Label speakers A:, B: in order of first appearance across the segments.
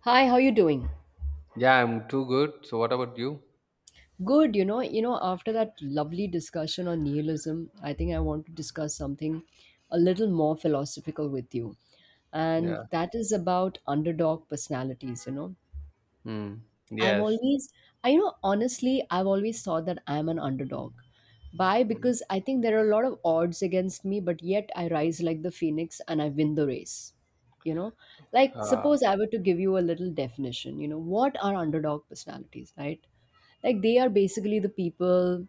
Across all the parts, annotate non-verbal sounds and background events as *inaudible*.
A: Hi, how you doing?
B: Yeah, I'm too good. So what about you?
A: Good, after that lovely discussion on nihilism, I think I want to discuss something a little more philosophical with you.
B: Yeah.
A: And that is about underdog personalities.
B: Mm.
A: I've
B: Yes.
A: always, I honestly, I've always thought that I'm an underdog. Why?
B: Mm.
A: Because I think there are a lot of odds against me, but yet I rise like the phoenix and I win the race. You know, like
B: Uh,
A: suppose I were to give you a little definition, what are underdog personalities, right? Like they are basically the people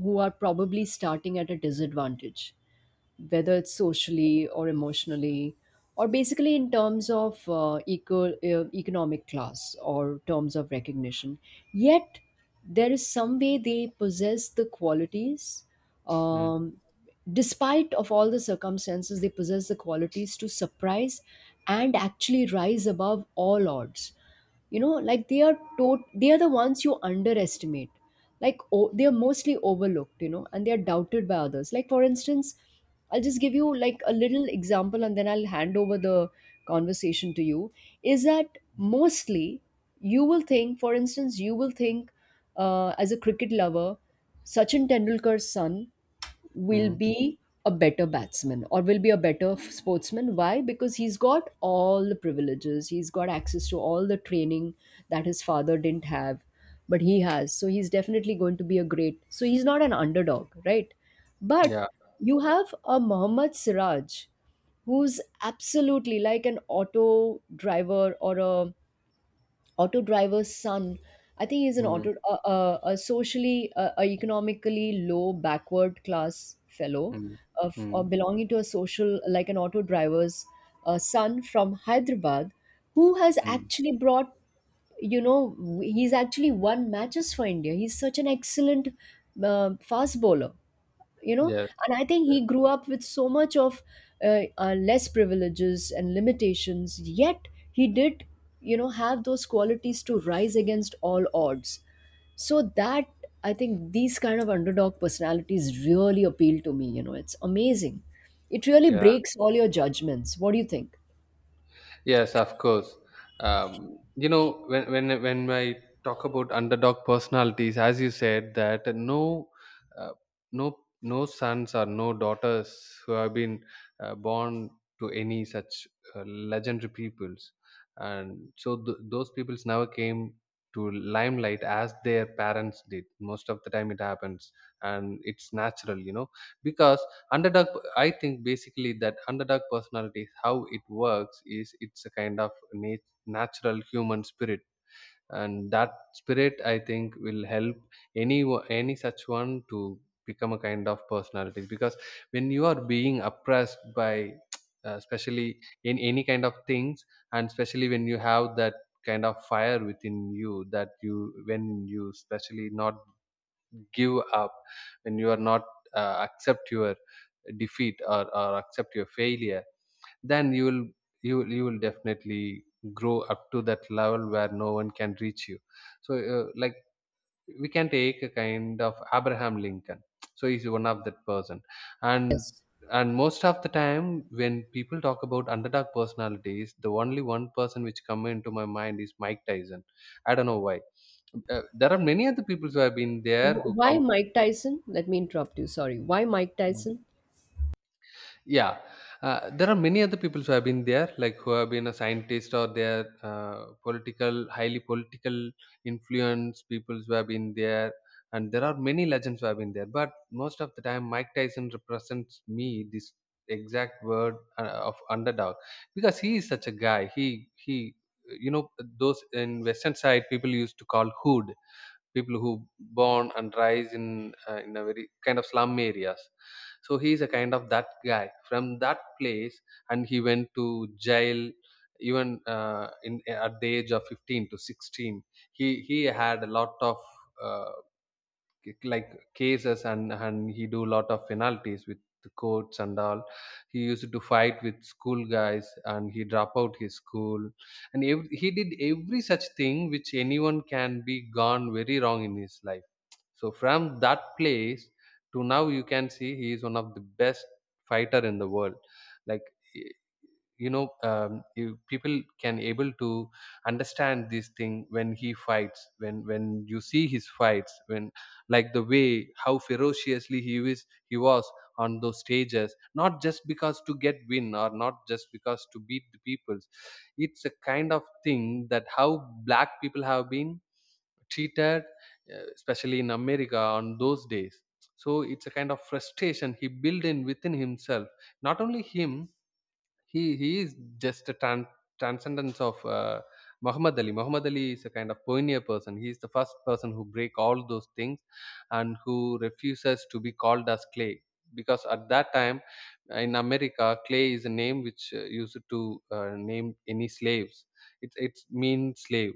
A: who are probably starting at a disadvantage, whether it's socially or emotionally or basically in terms of economic class or terms of recognition. Yet there is some way they possess the qualities,
B: mm.
A: um, despite of all the circumstances they possess the qualities to surprise and actually rise above all odds. Like they are the ones you underestimate. Like they are mostly overlooked, and they are doubted by others. Like for instance, I'll just give you like a little example and then I'll hand over the conversation to you, is that mostly you will think, as a cricket lover, Sachin Tendulkar's son will
B: Mm.
A: be a better batsman or will be a better sportsman. Why? Because he's got all the privileges, he's got access to all the training that his father didn't have, but he has. So he's definitely going to be a great. So he's not an underdog, right? But
B: Yeah.
A: you have a Mohammad Siraj who's absolutely like an auto driver or a auto driver's son. I think he's an
B: Mm.
A: auto a socially a economically low backward class fellow
B: Mm.
A: of, or
B: Mm.
A: belonging to a social, like an auto driver's son from Hyderabad, who has
B: Mm.
A: actually brought, he's actually won matches for India. He's such an excellent fast bowler, you know
B: Yes.
A: and I think
B: Yeah.
A: he grew up with so much of less privileges and limitations, yet he did, have those qualities to rise against all odds. So that, I think these kind of underdog personalities really appeal to me. It's amazing. It really
B: Yeah.
A: breaks all your judgments. What do you think?
B: Yes, of course. When I talk about underdog personalities, as you said, that uh, no sons or no daughters who have been born to any such legendary peoples, and so those peoples never came to limelight as their parents did. Most of the time, it happens, and it's natural, because underdog, I think basically that underdog personality, how it works, is it's a kind of natural human spirit, and that spirit, I think, will help any such one to become a kind of personality. Because when you are being oppressed by *tsk* especially in any kind of things, and especially when you have that kind of fire within you, that you, when you especially not give up, when you are not accept your defeat, or accept your failure, then you will definitely grow up to that level where no one can reach you. So like, we can take a kind of Abraham Lincoln, so he's one of that person. and
A: Yes.
B: and most of the time when people talk about underdog personalities, the only one person which come into my mind is Mike Tyson. I don't know why. There are many other people who have been there who
A: Why
B: come.
A: mike tyson let me interrupt you sorry why mike
B: Mm.
A: tyson
B: Yeah, there are many other people who have been there, like who have been a scientist, or their political, highly political influence people who have been there, and there are many legends who have been there. But most of the time, Mike Tyson represents me this exact word of underdog, because he is such a guy. You know, those in Western side people used to call hood people who born and rise in a very kind of slum areas, so he's a kind of that guy from that place. And he went to jail even in at the age of 15 to 16. He had a lot of uh, like cases, and he do lot of penalties with the courts and all. He used to fight with school guys, and he drop out his school, and he did every such thing which anyone can be gone very wrong in his life. So from that place to now, you can see he is one of the best fighter in the world. Like, people can able to understand this thing when he fights, when you see his fights, when like the way how ferociously he is, he was on those stages. Not just because to get win, or not just because to beat the peoples, it's a kind of thing that how black people have been treated, especially in America on those days. So it's a kind of frustration he built in within himself, not only him. He is just a transcendence of Muhammad Ali. Muhammad Ali is a kind of pioneer person. He is the first person who break all those things, and who refuses to be called as Clay, because at that time in America, Clay is a name which used to name any slaves. It's mean slave.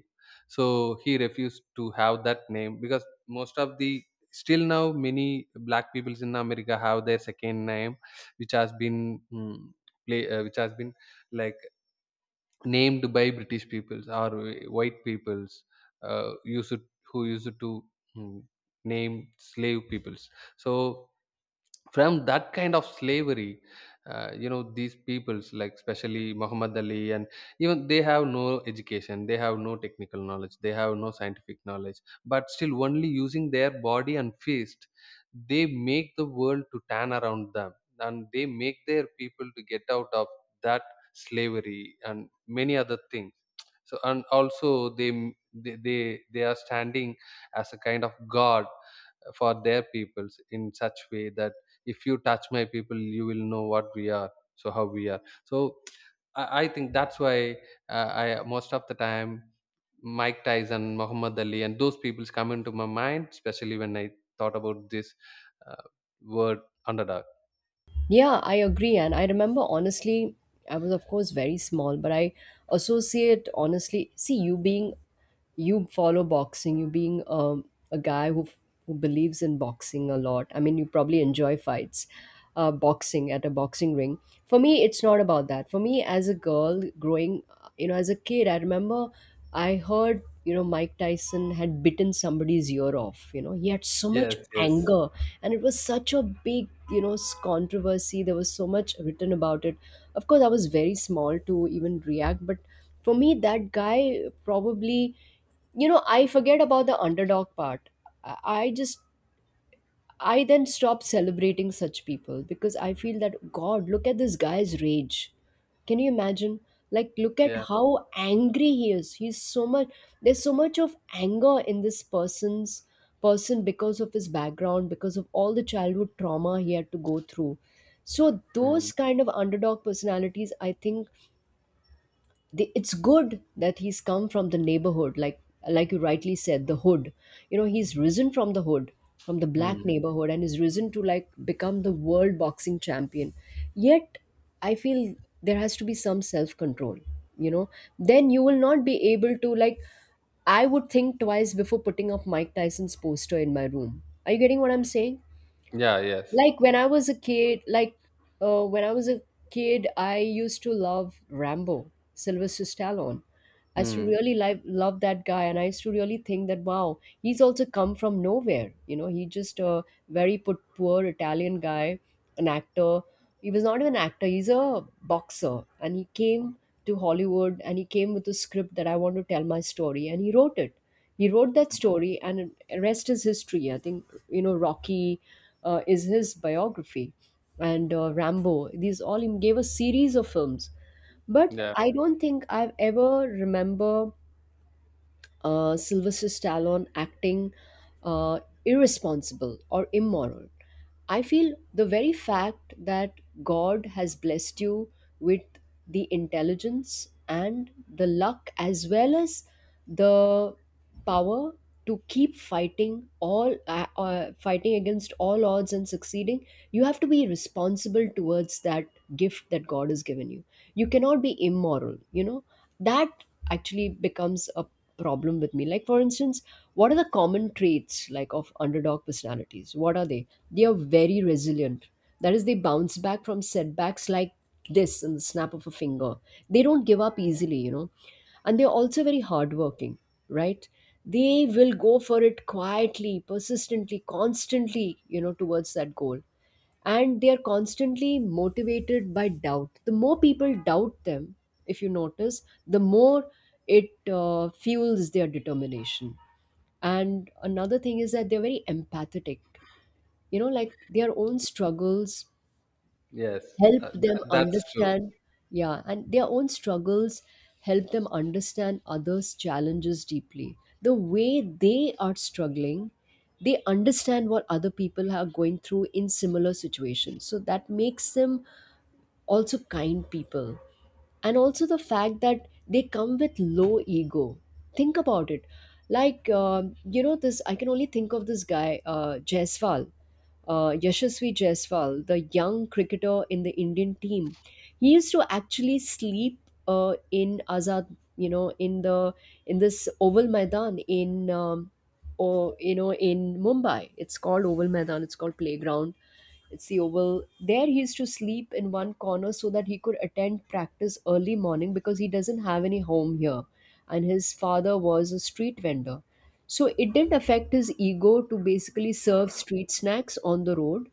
B: So he refused to have that name, because most of the still now many black peoples in America have their second name which has been, play, which has been, like, named by British peoples, or white peoples uh, used to- who used to mm, name slave peoples. So from that kind of slavery, these peoples, like especially Muhammad Ali, and even they have no education, they have no technical knowledge, they have no scientific knowledge, but still only using their body and fist, they make the world to turn around them, and they make their people to get out of that slavery and many other things. So and also they they they, they are standing as a kind of god for their peoples, in such way that if you touch my people, you will know what we are, so how we are. So I think that's why, I, most of the time, Mike Tyson, Muhammad Ali and those peoples come into my mind, especially when I thought about this uh, word underdog.
A: Yeah, I agree. And I remember honestly, I was of course very small, but see, you being, you follow boxing, you being, a guy who believes in boxing a lot. I mean, you probably enjoy fights, boxing at a boxing ring. For me, it's not about that. For me, as a girl growing, you know, as a kid, I remember I heard, you know, Mike Tyson had bitten somebody's ear off. You know, he had so much
B: Yes, yes.
A: anger, and it was such a big, controversy. There was so much written about it. Of course, I was very small to even react, but for me, that guy probably, you know, I forget about the underdog part. I I just I then stop celebrating such people because I feel that, God, look at this guy's rage. Can you imagine? Like, look at
B: Yeah.
A: how angry he is. He's so much, there's so much of anger in this person's person because of his background, because of all the childhood trauma he had to go through. So,
B: Mm.
A: those kind of underdog personalities, I think, the, it's good that he's come from the neighborhood, like you rightly said, the hood. You know, he's risen from the hood, from the black
B: Mm.
A: neighborhood, and is risen to like become the world boxing champion. Yet I feel there has to be some self control, you know. Then you will not be able to like, I would think twice before putting up Mike Tyson's poster in my room. Are you getting what I'm saying?
B: Yeah. Yes.
A: Like when I was a kid like when I was a kid, I used to love Rambo, Sylvester Stallone. I used to
B: Mm.
A: really like love that guy, and I used to really think that wow, he's also come from nowhere. You know, he just a very put poor Italian guy, an actor. He was not even an actor; he's a boxer, and he came to Hollywood and he came with a script that I want to tell my story, and he wrote it. He wrote that story, and rest is history. I think you know Rocky is his biography, and Rambo. These all he gave a series of films, but
B: Yeah.
A: I don't think I've ever remember Sylvester Stallone acting uh, irresponsible or immoral. I feel the very fact that God has blessed you with the intelligence and the luck, as well as the power to keep fighting all fighting against all odds and succeeding, you have to be responsible towards that gift that God has given you. You cannot be immoral, you know. That actually becomes a problem with me. Like for instance, what are the common traits like of underdog personalities? What are they? They are very resilient, that is they bounce back from setbacks, like this, in the snap of a finger. They don't give up easily, you know, and they're also very hardworking, right? They will go for it quietly, persistently, constantly, you know, towards that goal. And they are constantly motivated by doubt. The more people doubt them, if you notice, the more it fuels their determination. And another thing is that they're very empathetic. You know, like their own struggles
B: Yes. Uh,
A: help them
B: that, that's true.
A: understand. Yeah. And their own struggles help them understand others challenges deeply. The way they are struggling, they understand what other people are going through in similar situations, so that makes them also kind people. And also the fact that they come with low ego. Think about it. Like, you know, this, I can only think of this guy, jaiswal Yashasvi Jaiswal, the young cricketer in the Indian team. He used to actually sleep in Azad, you know, in the, in this Oval Maidan in, or you know, in Mumbai. It's called Oval Maidan. It's called playground. It's the oval, there he used to sleep in one corner so that he could attend practice early morning because he doesn't have any home here. And his father was a street vendor, so it didn't affect his ego to basically serve street snacks on the road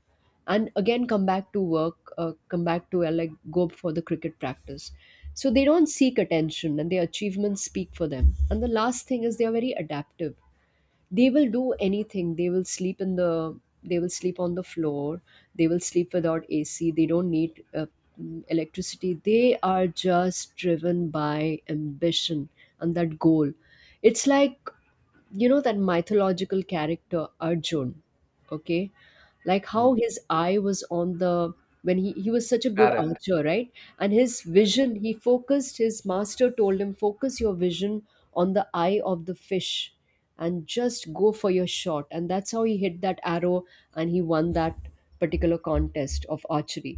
A: and again come back to like go for the cricket practice. So they don't seek attention and their achievements speak for them. And the last thing is they are very adaptive. They will do anything. They will sleep on the floor. They will sleep without AC. They don't need electricity. They are just driven by ambition and that goal. It's like, you know, that mythological character Arjun. Okay, like how
B: Mm.
A: his eye was on the, when he was such a good
B: Parrot.
A: archer, right? And his
B: Yes.
A: vision, he focused, his master told him, focus your vision on the eye of the fish and just go for your shot. And that's how he hit that arrow and he won that particular contest of archery.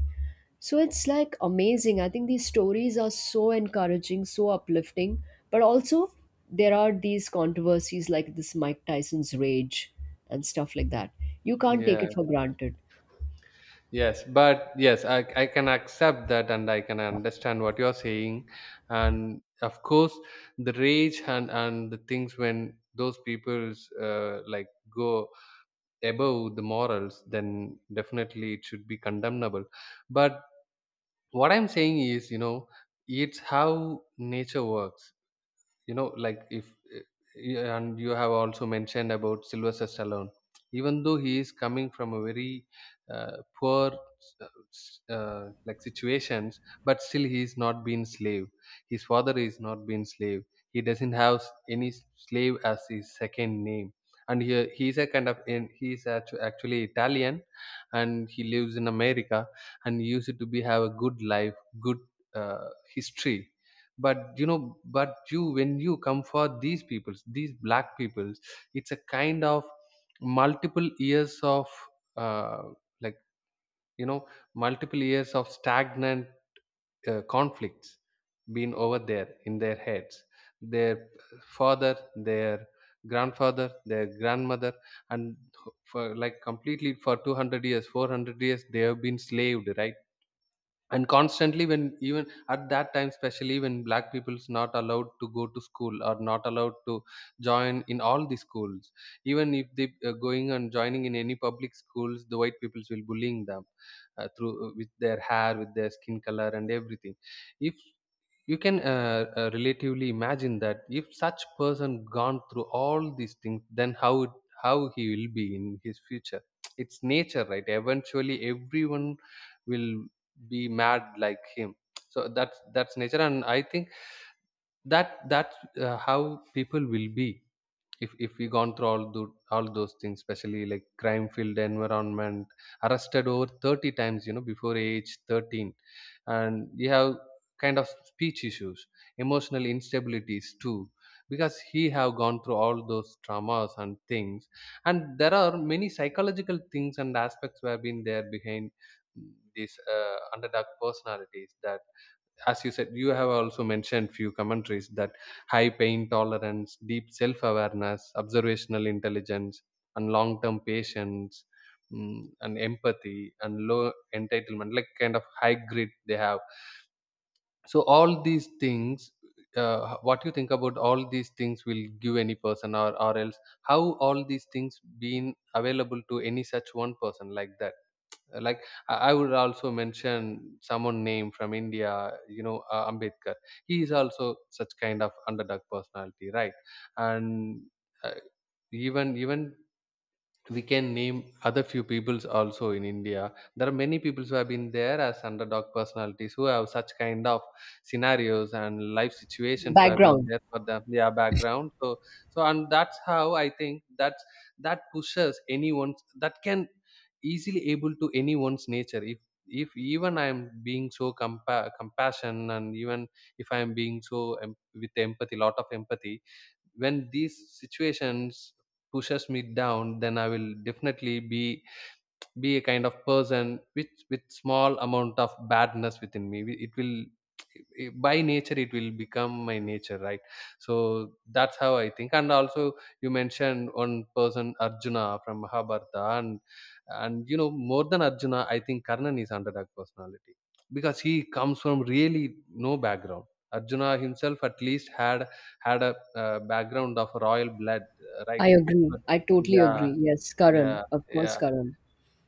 A: So it's like amazing. I think these stories are so encouraging, so uplifting, but also there are these controversies like this Mike Tyson's rage and stuff like that. You can't take
B: Yeah.
A: it for granted.
B: Yes, but yes, I can accept that, and I can understand what you're saying. And of course, the rage and the things, when those people's, like, go above the morals, then definitely it should be condemnable. But what I'm saying is, it's how nature works, like, if eh, eh, and you have also mentioned about Sylvester Stallone. Even though he is coming from a very poor, uh, like, situations, but still he is not been slave, his father is not been slave, he doesn't have any slave as his second name. And he is a kind of, in he is actually Italian, and he lives in America, and he used to be have a good life, good uh, history. But you know but you when you come for these peoples, these black peoples, it's a kind of multiple years of, uh, like, you know multiple years of stagnant conflicts been over there in their heads, their father, their grandfather, their grandmother, and for like completely for 200 years, 400 years, they have been slaved, right? And constantly, when even at that time, especially when black people's not allowed to go to school, or not allowed to join in all the schools, even if they, going and joining in any public schools, the white peoples will bullying them, through, with their hair, with their skin color and everything. If you can, relatively imagine that, if such person gone through all these things, then how he will be in his future. It's nature, right? Eventually everyone will be mad like him. So that's nature, and I think that that's, how people will be, if we gone through all those things, especially like crime filled environment, arrested over 30 times, before age 13, and you have kind of speech issues, emotional instabilities too, because he have gone through all those traumas and things. And there are many psychological things and aspects who have been there behind, these underdog personalities, that as you said, you have also mentioned few commentaries, that high pain tolerance, deep self awareness, observational intelligence, and long term patience, and empathy, and low entitlement, like kind of high grit they have. So all these things, what you think about all these things, will give any person, or else, how all these things been available to any such one person like that. Like, I would also mention someone name from India, Ambedkar. He is also such kind of underdog personality, right? And uh, even we can name other few peoples also in India. There are many peoples who have been there as underdog personalities, who have such kind of scenarios and life situations, who have been
A: Background.
B: there for them, their background. So and that's how I think, that's that pushes anyone's, that can easily able to anyone's nature. If even I am being so compassion, and even if I am being so, with empathy, lot of empathy, when these situations pushes me down, then I will definitely be a kind of person with small amount of badness within me. It will, by nature, it will become my nature, right? So that's how I think. And also, you mentioned one person, Arjuna from Mahabharata, and more than Arjuna, I think Karnan is underdog personality, because he comes from really no background. Arjuna himself at least had a background of royal blood, right?
A: I agree.
B: But
A: I totally
B: yeah,
A: agree. Yes,
B: yeah,
A: Karan. Of course,
B: yeah.
A: Karan.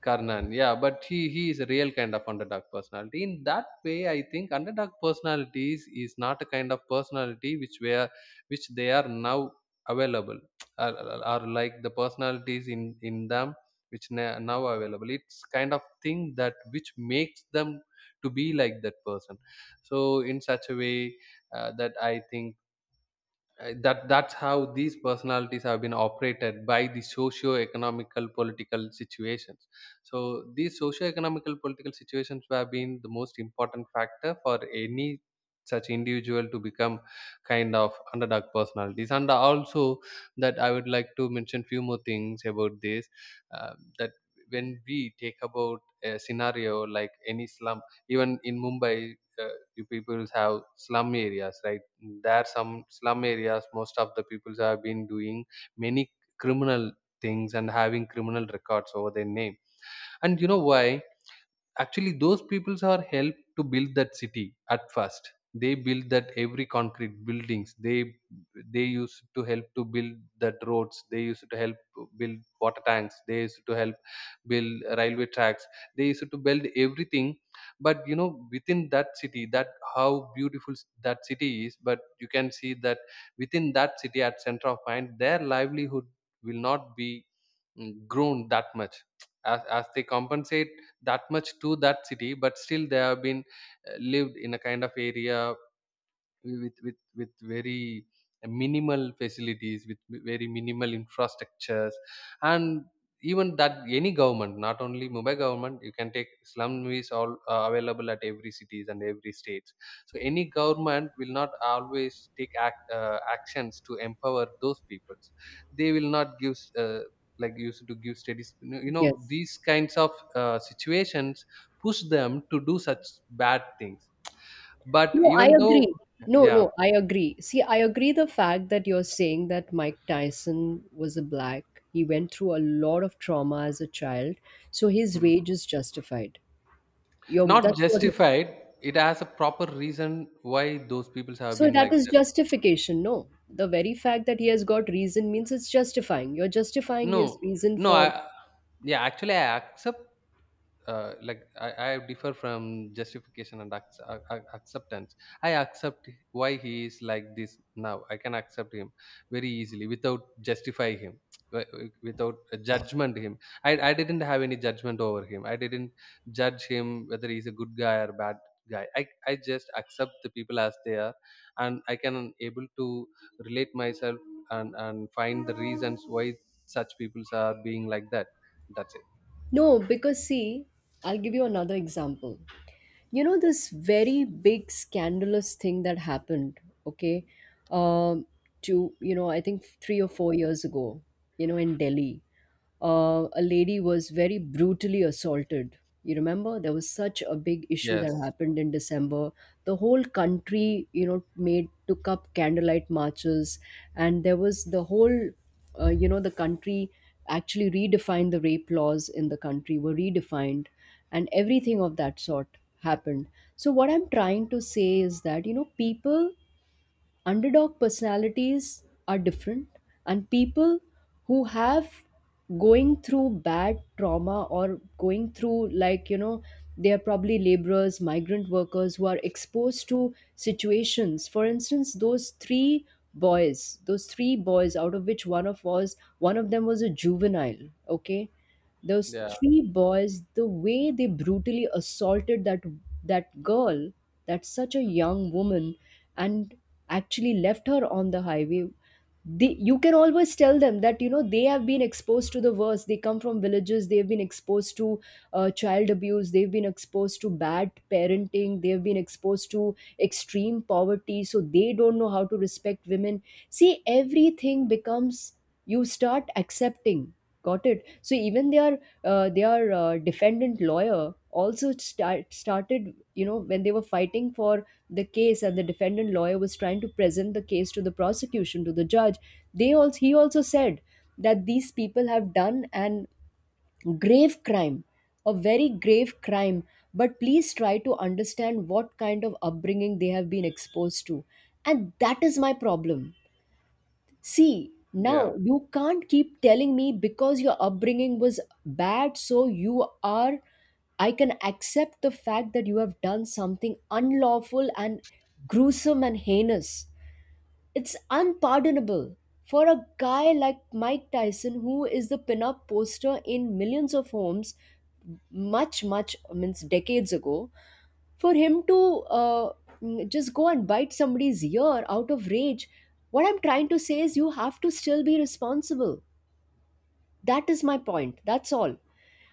B: Karnan, yeah, but he is a real kind of underdog personality. In that way, I think underdog personalities is not a kind of personality which were, which they are now available, are, are like the personalities in them which now available. It's kind of thing that which makes them to be like that person. So in such a way, that I think, that's how these personalities have been operated by the socio-economical political situations. So these socio-economical political situations have been the most important factor for any such individual to become kind of underdog personalities. And also that, I would like to mention few more things about this. That when we take about a scenario like any slum, even in Mumbai, uh, you people have slum areas, right? There are some slum areas. Most of the people have been doing many criminal things and having criminal records over their name. And you know why? Actually, those peoples are helped to build that city at first. They build that every concrete buildings. They used to help to build that roads. They used to help build water tanks. They used to help build railway tracks. They used to build everything. But you know, within that city, that how beautiful that city is, but you can see that within that city at center of mind, their livelihood will not be grown that much as, they compensate that much to that city, but still they have been lived in a kind of area with very minimal facilities with very minimal infrastructures. And even that, any government, not only Mumbai government, you can take slum is all available at every cities and every states. So any government will not always take actions to empower those peoples. They will not give like used to give studies, you know.
A: Yes.
B: These kinds of situations push them to do such bad things. But
A: No, I
B: even though.
A: agree. No,
B: Yeah.
A: no, I agree. See, I agree the fact that you're saying that Mike Tyson was a black. He went through a lot of trauma as a child, so his
B: Mm.
A: rage is justified. You're,
B: Not
A: that's what you're saying.
B: justified. It has a proper reason why those people have
A: So
B: been
A: that
B: like
A: is
B: that.
A: justification. No, the very fact that he has got reason means it's justifying. You're justifying his
B: No,
A: reason
B: no.
A: for.
B: I Yeah, actually, I accept, like, I differ from justification and acceptance. I accept why he is like this now. I can accept him very easily without justify him, wi- without a judgment him. I didn't have any judgment over him. I didn't judge him whether he's a good guy or bad guy. I just accept the people as they are, and I can able to relate myself, and find the reasons why such people are being like that. That's it.
A: No, because see, I'll give you another example. You know, this very big scandalous thing that happened, okay, um, to, you know, I think 3 or 4 years ago, you know, in Delhi, a lady was very brutally assaulted. You remember there was such a big issue
B: Yes.
A: that happened in December. The whole country, made took up candlelight marches, and there was the whole the country actually redefined the rape laws in the country were redefined and everything of that sort happened. So what I'm trying to say is that people underdog personalities are different, and people who have going through bad trauma or going through they are probably laborers, migrant workers who are exposed to situations. For instance, those three boys, out of which one of them was a juvenile, okay, those
B: Yeah.
A: three boys, the way they brutally assaulted that girl, that's such a young woman, and actually left her on the highway. They, you can always tell them that they have been exposed to the worst, they come from villages, they have been exposed to child abuse, they've been exposed to bad parenting, they've been exposed to extreme poverty, so they don't know how to respect women. See, everything becomes, you start accepting. Got it. So even their defendant lawyer also started, you know, when they were fighting for the case, and the defendant lawyer was trying to present the case to the prosecution, to the judge, they also he also said that these people have done and grave crime, a very grave crime, but please try to understand what kind of upbringing they have been exposed to. And that is my problem. See,
B: Yeah.
A: now you can't keep telling me because your upbringing was bad, so you are, I can accept the fact that you have done something unlawful and gruesome and heinous, it's unpardonable. For a guy like Mike Tyson, who is the pinup poster in millions of homes, much, much means decades ago, for him to uh, just go and bite somebody's ear out of rage. What I'm trying to say is, you have to still be responsible. That is my point. That's all.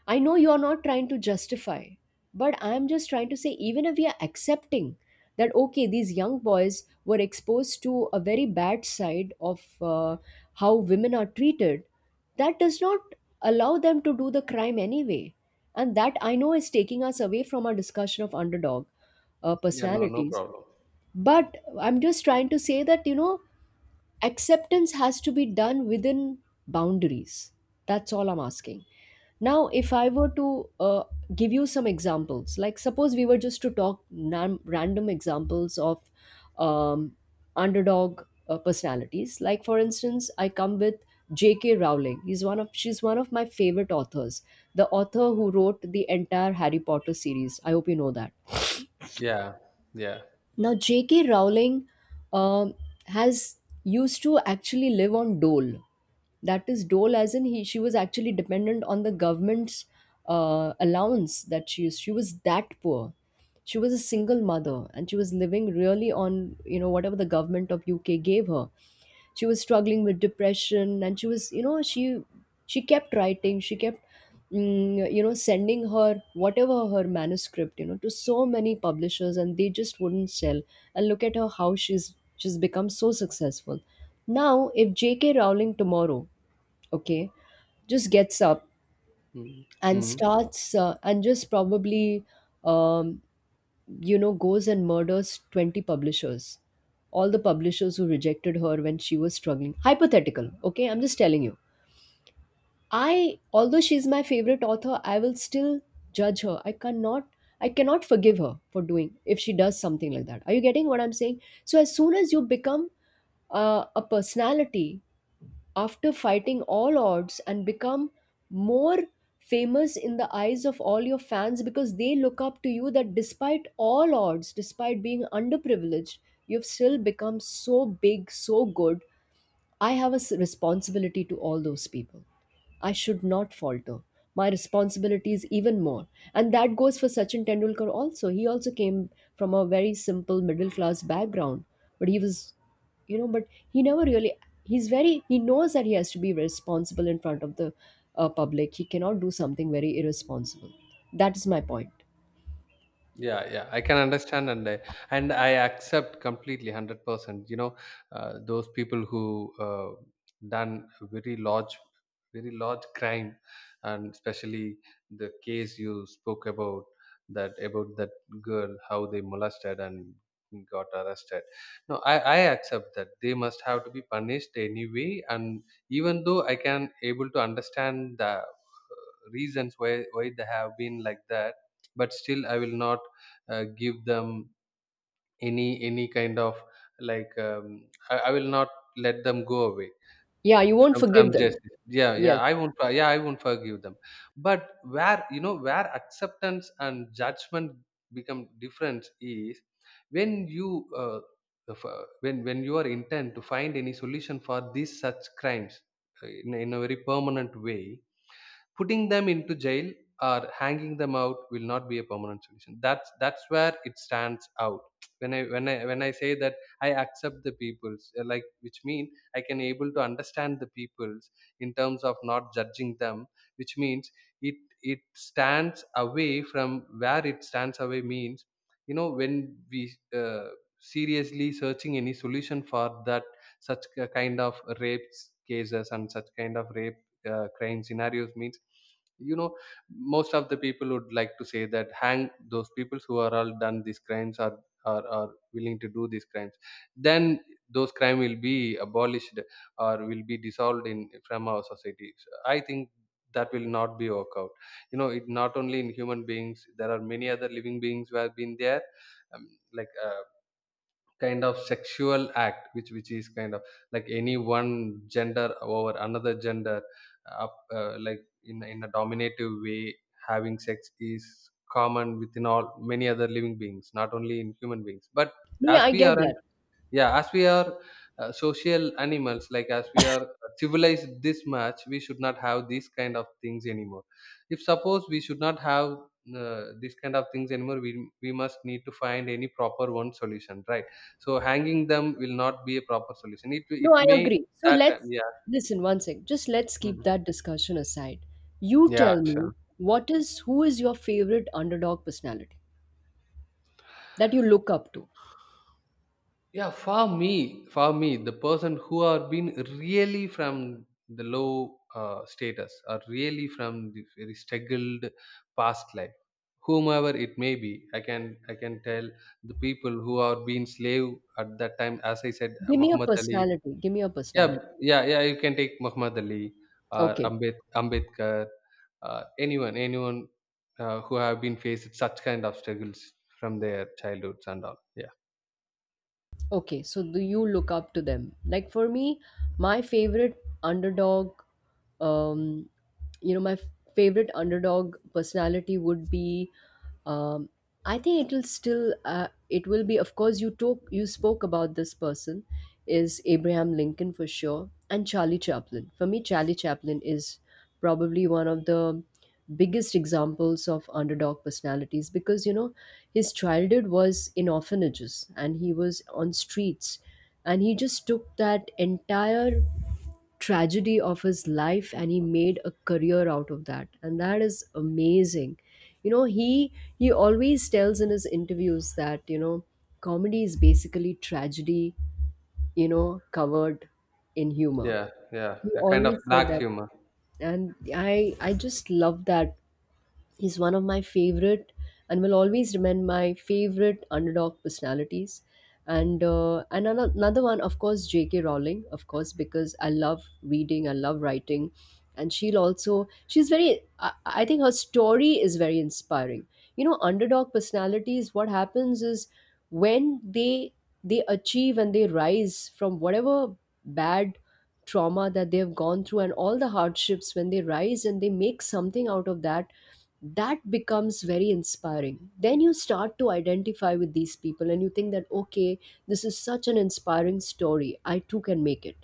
A: I know you're not trying to justify, but I'm just trying to say, even if we are accepting that, okay, these young boys were exposed to a very bad side of how women are treated, that does not allow them to do the crime anyway. And that I know is taking us away from our discussion of underdog
B: Yeah. No. No
A: personalities.
B: problem. Mm.
A: But I'm just trying to say that, acceptance has to be done within boundaries. That's all I'm asking. Now, if I were to give you some examples, like suppose we were just to talk random examples of um, underdog personalities. Like for instance, I come with J.K. Rowling. He's one of she's one of my favorite authors, the author who wrote the entire Harry Potter series. I hope you know that.
B: Yeah. Yeah.
A: Now, J.K. Rowling um has used to actually live on dole. That is dole, as in he she was actually dependent on the government's allowance that she used. She was that poor. She was a single mother, and she was living really on whatever the government of UK gave her. She was struggling with depression, and she was, she kept writing, she kept sending her whatever her manuscript to so many publishers, and they just wouldn't sell, and look at her how she's become so successful. Now if JK Rowling tomorrow, okay, just gets up
B: Mm.
A: and
B: Mm.
A: starts, and just probably, um, goes and murders 20 publishers, all the publishers who rejected her when she was struggling. Hypothetical, okay, I'm just telling you. I, although she's my favorite author, I will still judge her. I cannot forgive her for doing, if she does something like that. Are you getting what I'm saying? So as soon as you become a personality after fighting all odds, and become more famous in the eyes of all your fans, because they look up to you, that despite all odds, despite being underprivileged, you've still become so big, so good, I have a responsibility to all those people. I should not falter. My responsibility is even more. And that goes for Sachin Tendulkar also. He also came from a very simple middle class background, but he was, you know, but he never really, he's very, he knows that he has to be responsible in front of the public. He cannot do something very irresponsible. That is my point.
B: Yeah, yeah, I can understand, and I accept completely 100%. You know, those people who done very large crime, and especially the case you spoke about, that about that girl, how they molested and got arrested. No, I accept that they must have to be punished anyway. And even though I can able to understand the reasons why they have been like that, but still I will not give them any kind of, like, I will not let them go away
A: Yeah, you won't
B: from
A: forgive them.
B: justice. Yeah, yeah,
A: Yes.
B: I won't for- yeah, I won't forgive them. But where, you know, where acceptance and judgment become different is when you, uh, if, when you are intent to find any solution for these such crimes in a very permanent way. Putting them into jail or hanging them out will not be a permanent solution. That's where it stands out. When I say that I accept the peoples, like, which mean I can able to understand the peoples in terms of not judging them, which means it it stands away from. Where it stands away means, you know, when we uh, seriously searching any solution for that such kind of rapes cases and such kind of rape, crying scenarios means, you know, most of the people would like to say that hang those people who are all done these crimes, are willing to do these crimes, then those crime will be abolished or will be dissolved in from our society. So I think that will not be work out. You know, it not only in human beings, there are many other living beings who have been there, um, like uh, kind of sexual act which is kind of like any one gender over another gender, up like in a dominative way having sex is common within all many other living beings, not only in human beings, but
A: Yeah,
B: as
A: I
B: we
A: get
B: are
A: that.
B: yeah, as we are, social animals, like, as we are civilized this much, we should not have these kind of things anymore. If suppose we should not have these kind of things anymore, we must need to find any proper one solution, right? So hanging them will not be a proper solution. It
A: No, I
B: may
A: agree. So
B: that time.
A: let's
B: Yeah.
A: listen one sec. Just let's keep
B: Mhm.
A: that discussion aside. You
B: Yeah,
A: tell me
B: sure.
A: what is who is your favorite underdog personality that you look up to?
B: Yeah, for me, the person who are been really from the low status or really from the very struggled past life, whomever it may be, I can tell the people who are been slave at that time. As I said,
A: Give me a
B: Muhammad Ali.
A: personality. Give me a
B: Yeah,
A: personality.
B: yeah, yeah. You can take Muhammad Ali or
A: Okay.
B: Ambedkar, anyone, who have been faced such kind of struggles from their childhoods and all. Yeah.
A: Okay, so do you look up to them? Like for me, my favorite underdog, um, my favorite underdog personality would be, um, I think it will still, it will be, of course, you spoke about this person, is Abraham Lincoln for sure, and Charlie Chaplin. For me, Charlie Chaplin is probably one of the biggest examples of underdog personalities, because his childhood was in orphanages and he was on streets, and he just took that entire tragedy of his life and he made a career out of that, and that is amazing. you know he he always tells in his interviews that, comedy is basically tragedy, covered in humor.
B: Yeah, yeah,
A: He
B: a kind of
A: always said
B: black
A: that,
B: humor.
A: and I just love that. He's one of my favorite and will always remain my favorite underdog personalities. And another one, of course, J.K. Rowling, of course, because I love reading, I love writing, and she's very. I think her story is very inspiring. You know, underdog personalities. What happens is, when they achieve and they rise from whatever bad trauma that they have gone through, and all the hardships, when they rise and they make something out of that, that becomes very inspiring. Then you start to identify with these people, and you think that, okay, this is such an inspiring story, I too can make it,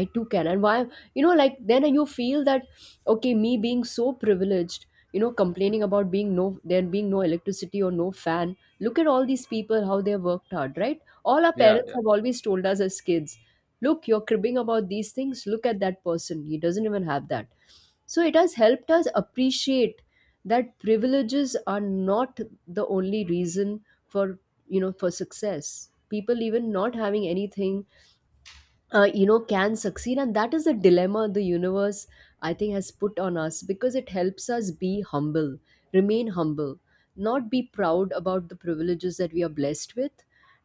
A: I too can and why then you feel that, okay, me being so privileged, complaining about being, no, there being no electricity or no fan, look at all these people how they have worked hard, right? All our
B: Yeah,
A: parents
B: yeah.
A: have always told us as kids, look, you're cribbing about these things, look at that person, he doesn't even have that. So it has helped us appreciate that privileges are not the only reason for, for success. People even not having anything, can succeed, and that is the dilemma the universe, I think, has put on us, because it helps us be humble, remain humble, not be proud about the privileges that we are blessed with,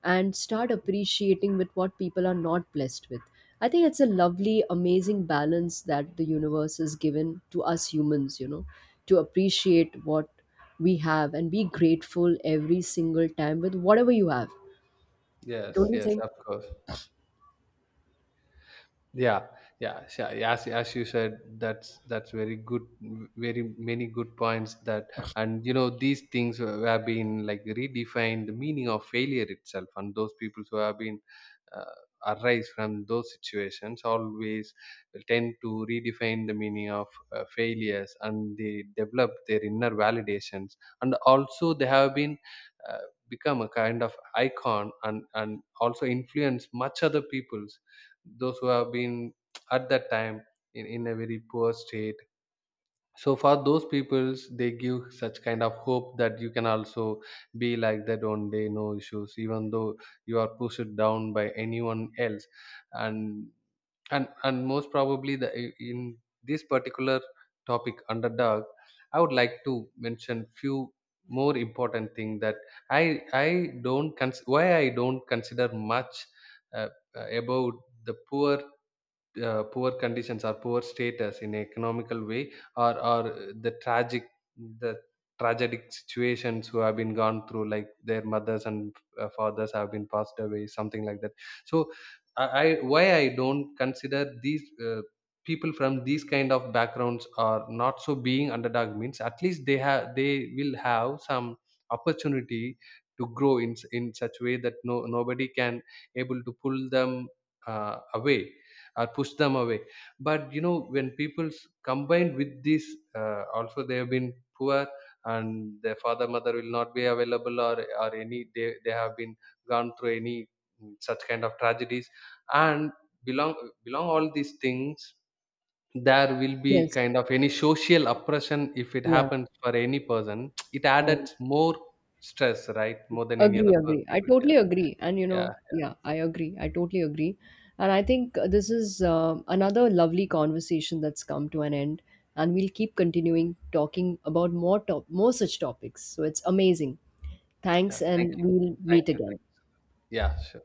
A: and start appreciating with what people are not blessed with. I think it's a lovely amazing balance that the universe has given to us humans, to appreciate what we have and be grateful every single time with whatever you have.
B: Yes,
A: Don't you
B: yes,
A: think?
B: of course. Yeah, yeah, so as you said, that's very good, very many good points that. And you know, these things who have been like redefined the meaning of failure itself, and those people who have been uh, arise from those situations always tend to redefine the meaning of failures, and they develop their inner validations, and also they have been uh, become a kind of icon, and also influence much other people, those who have been at that time in a very poor state. So for those peoples, they give such kind of hope that you can also be like that one day, no issues, even though you are pushed down by anyone else. And and and most probably, the, in this particular topic, underdog, I would like to mention few more important thing that. I don't cons- Why I don't consider much uh, about the poor, poor conditions or poor status in economical way or the tragic, the tragic situations who have been gone through, like their mothers and fathers have been passed away, something like that. So I why I don't consider these people from these kind of backgrounds are not so being underdog means, at least they have, they will have some opportunity to grow in such way that no nobody can able to pull them away or push them away. But you know, when people combined with this, also they have been poor and their father mother will not be available, or any they have been gone through any such kind of tragedies and belong belong all these things, there will be
A: Yes.
B: kind of any social oppression. If it
A: Yeah.
B: happens for any person *tsk* it
A: I
B: added more stress, right? More than any
A: agree,
B: other
A: agree. I
B: people.
A: totally
B: Yeah.
A: agree. And
B: Yeah.
A: yeah, I agree. I totally agree. And I think this is another lovely conversation that's come to an end. And we'll keep continuing talking about more such topics. So it's amazing.
B: Yeah,
A: Thanks,
B: thank
A: and
B: you.
A: we'll
B: Thank
A: meet
B: you,
A: again.
B: thank you. Yeah, sure.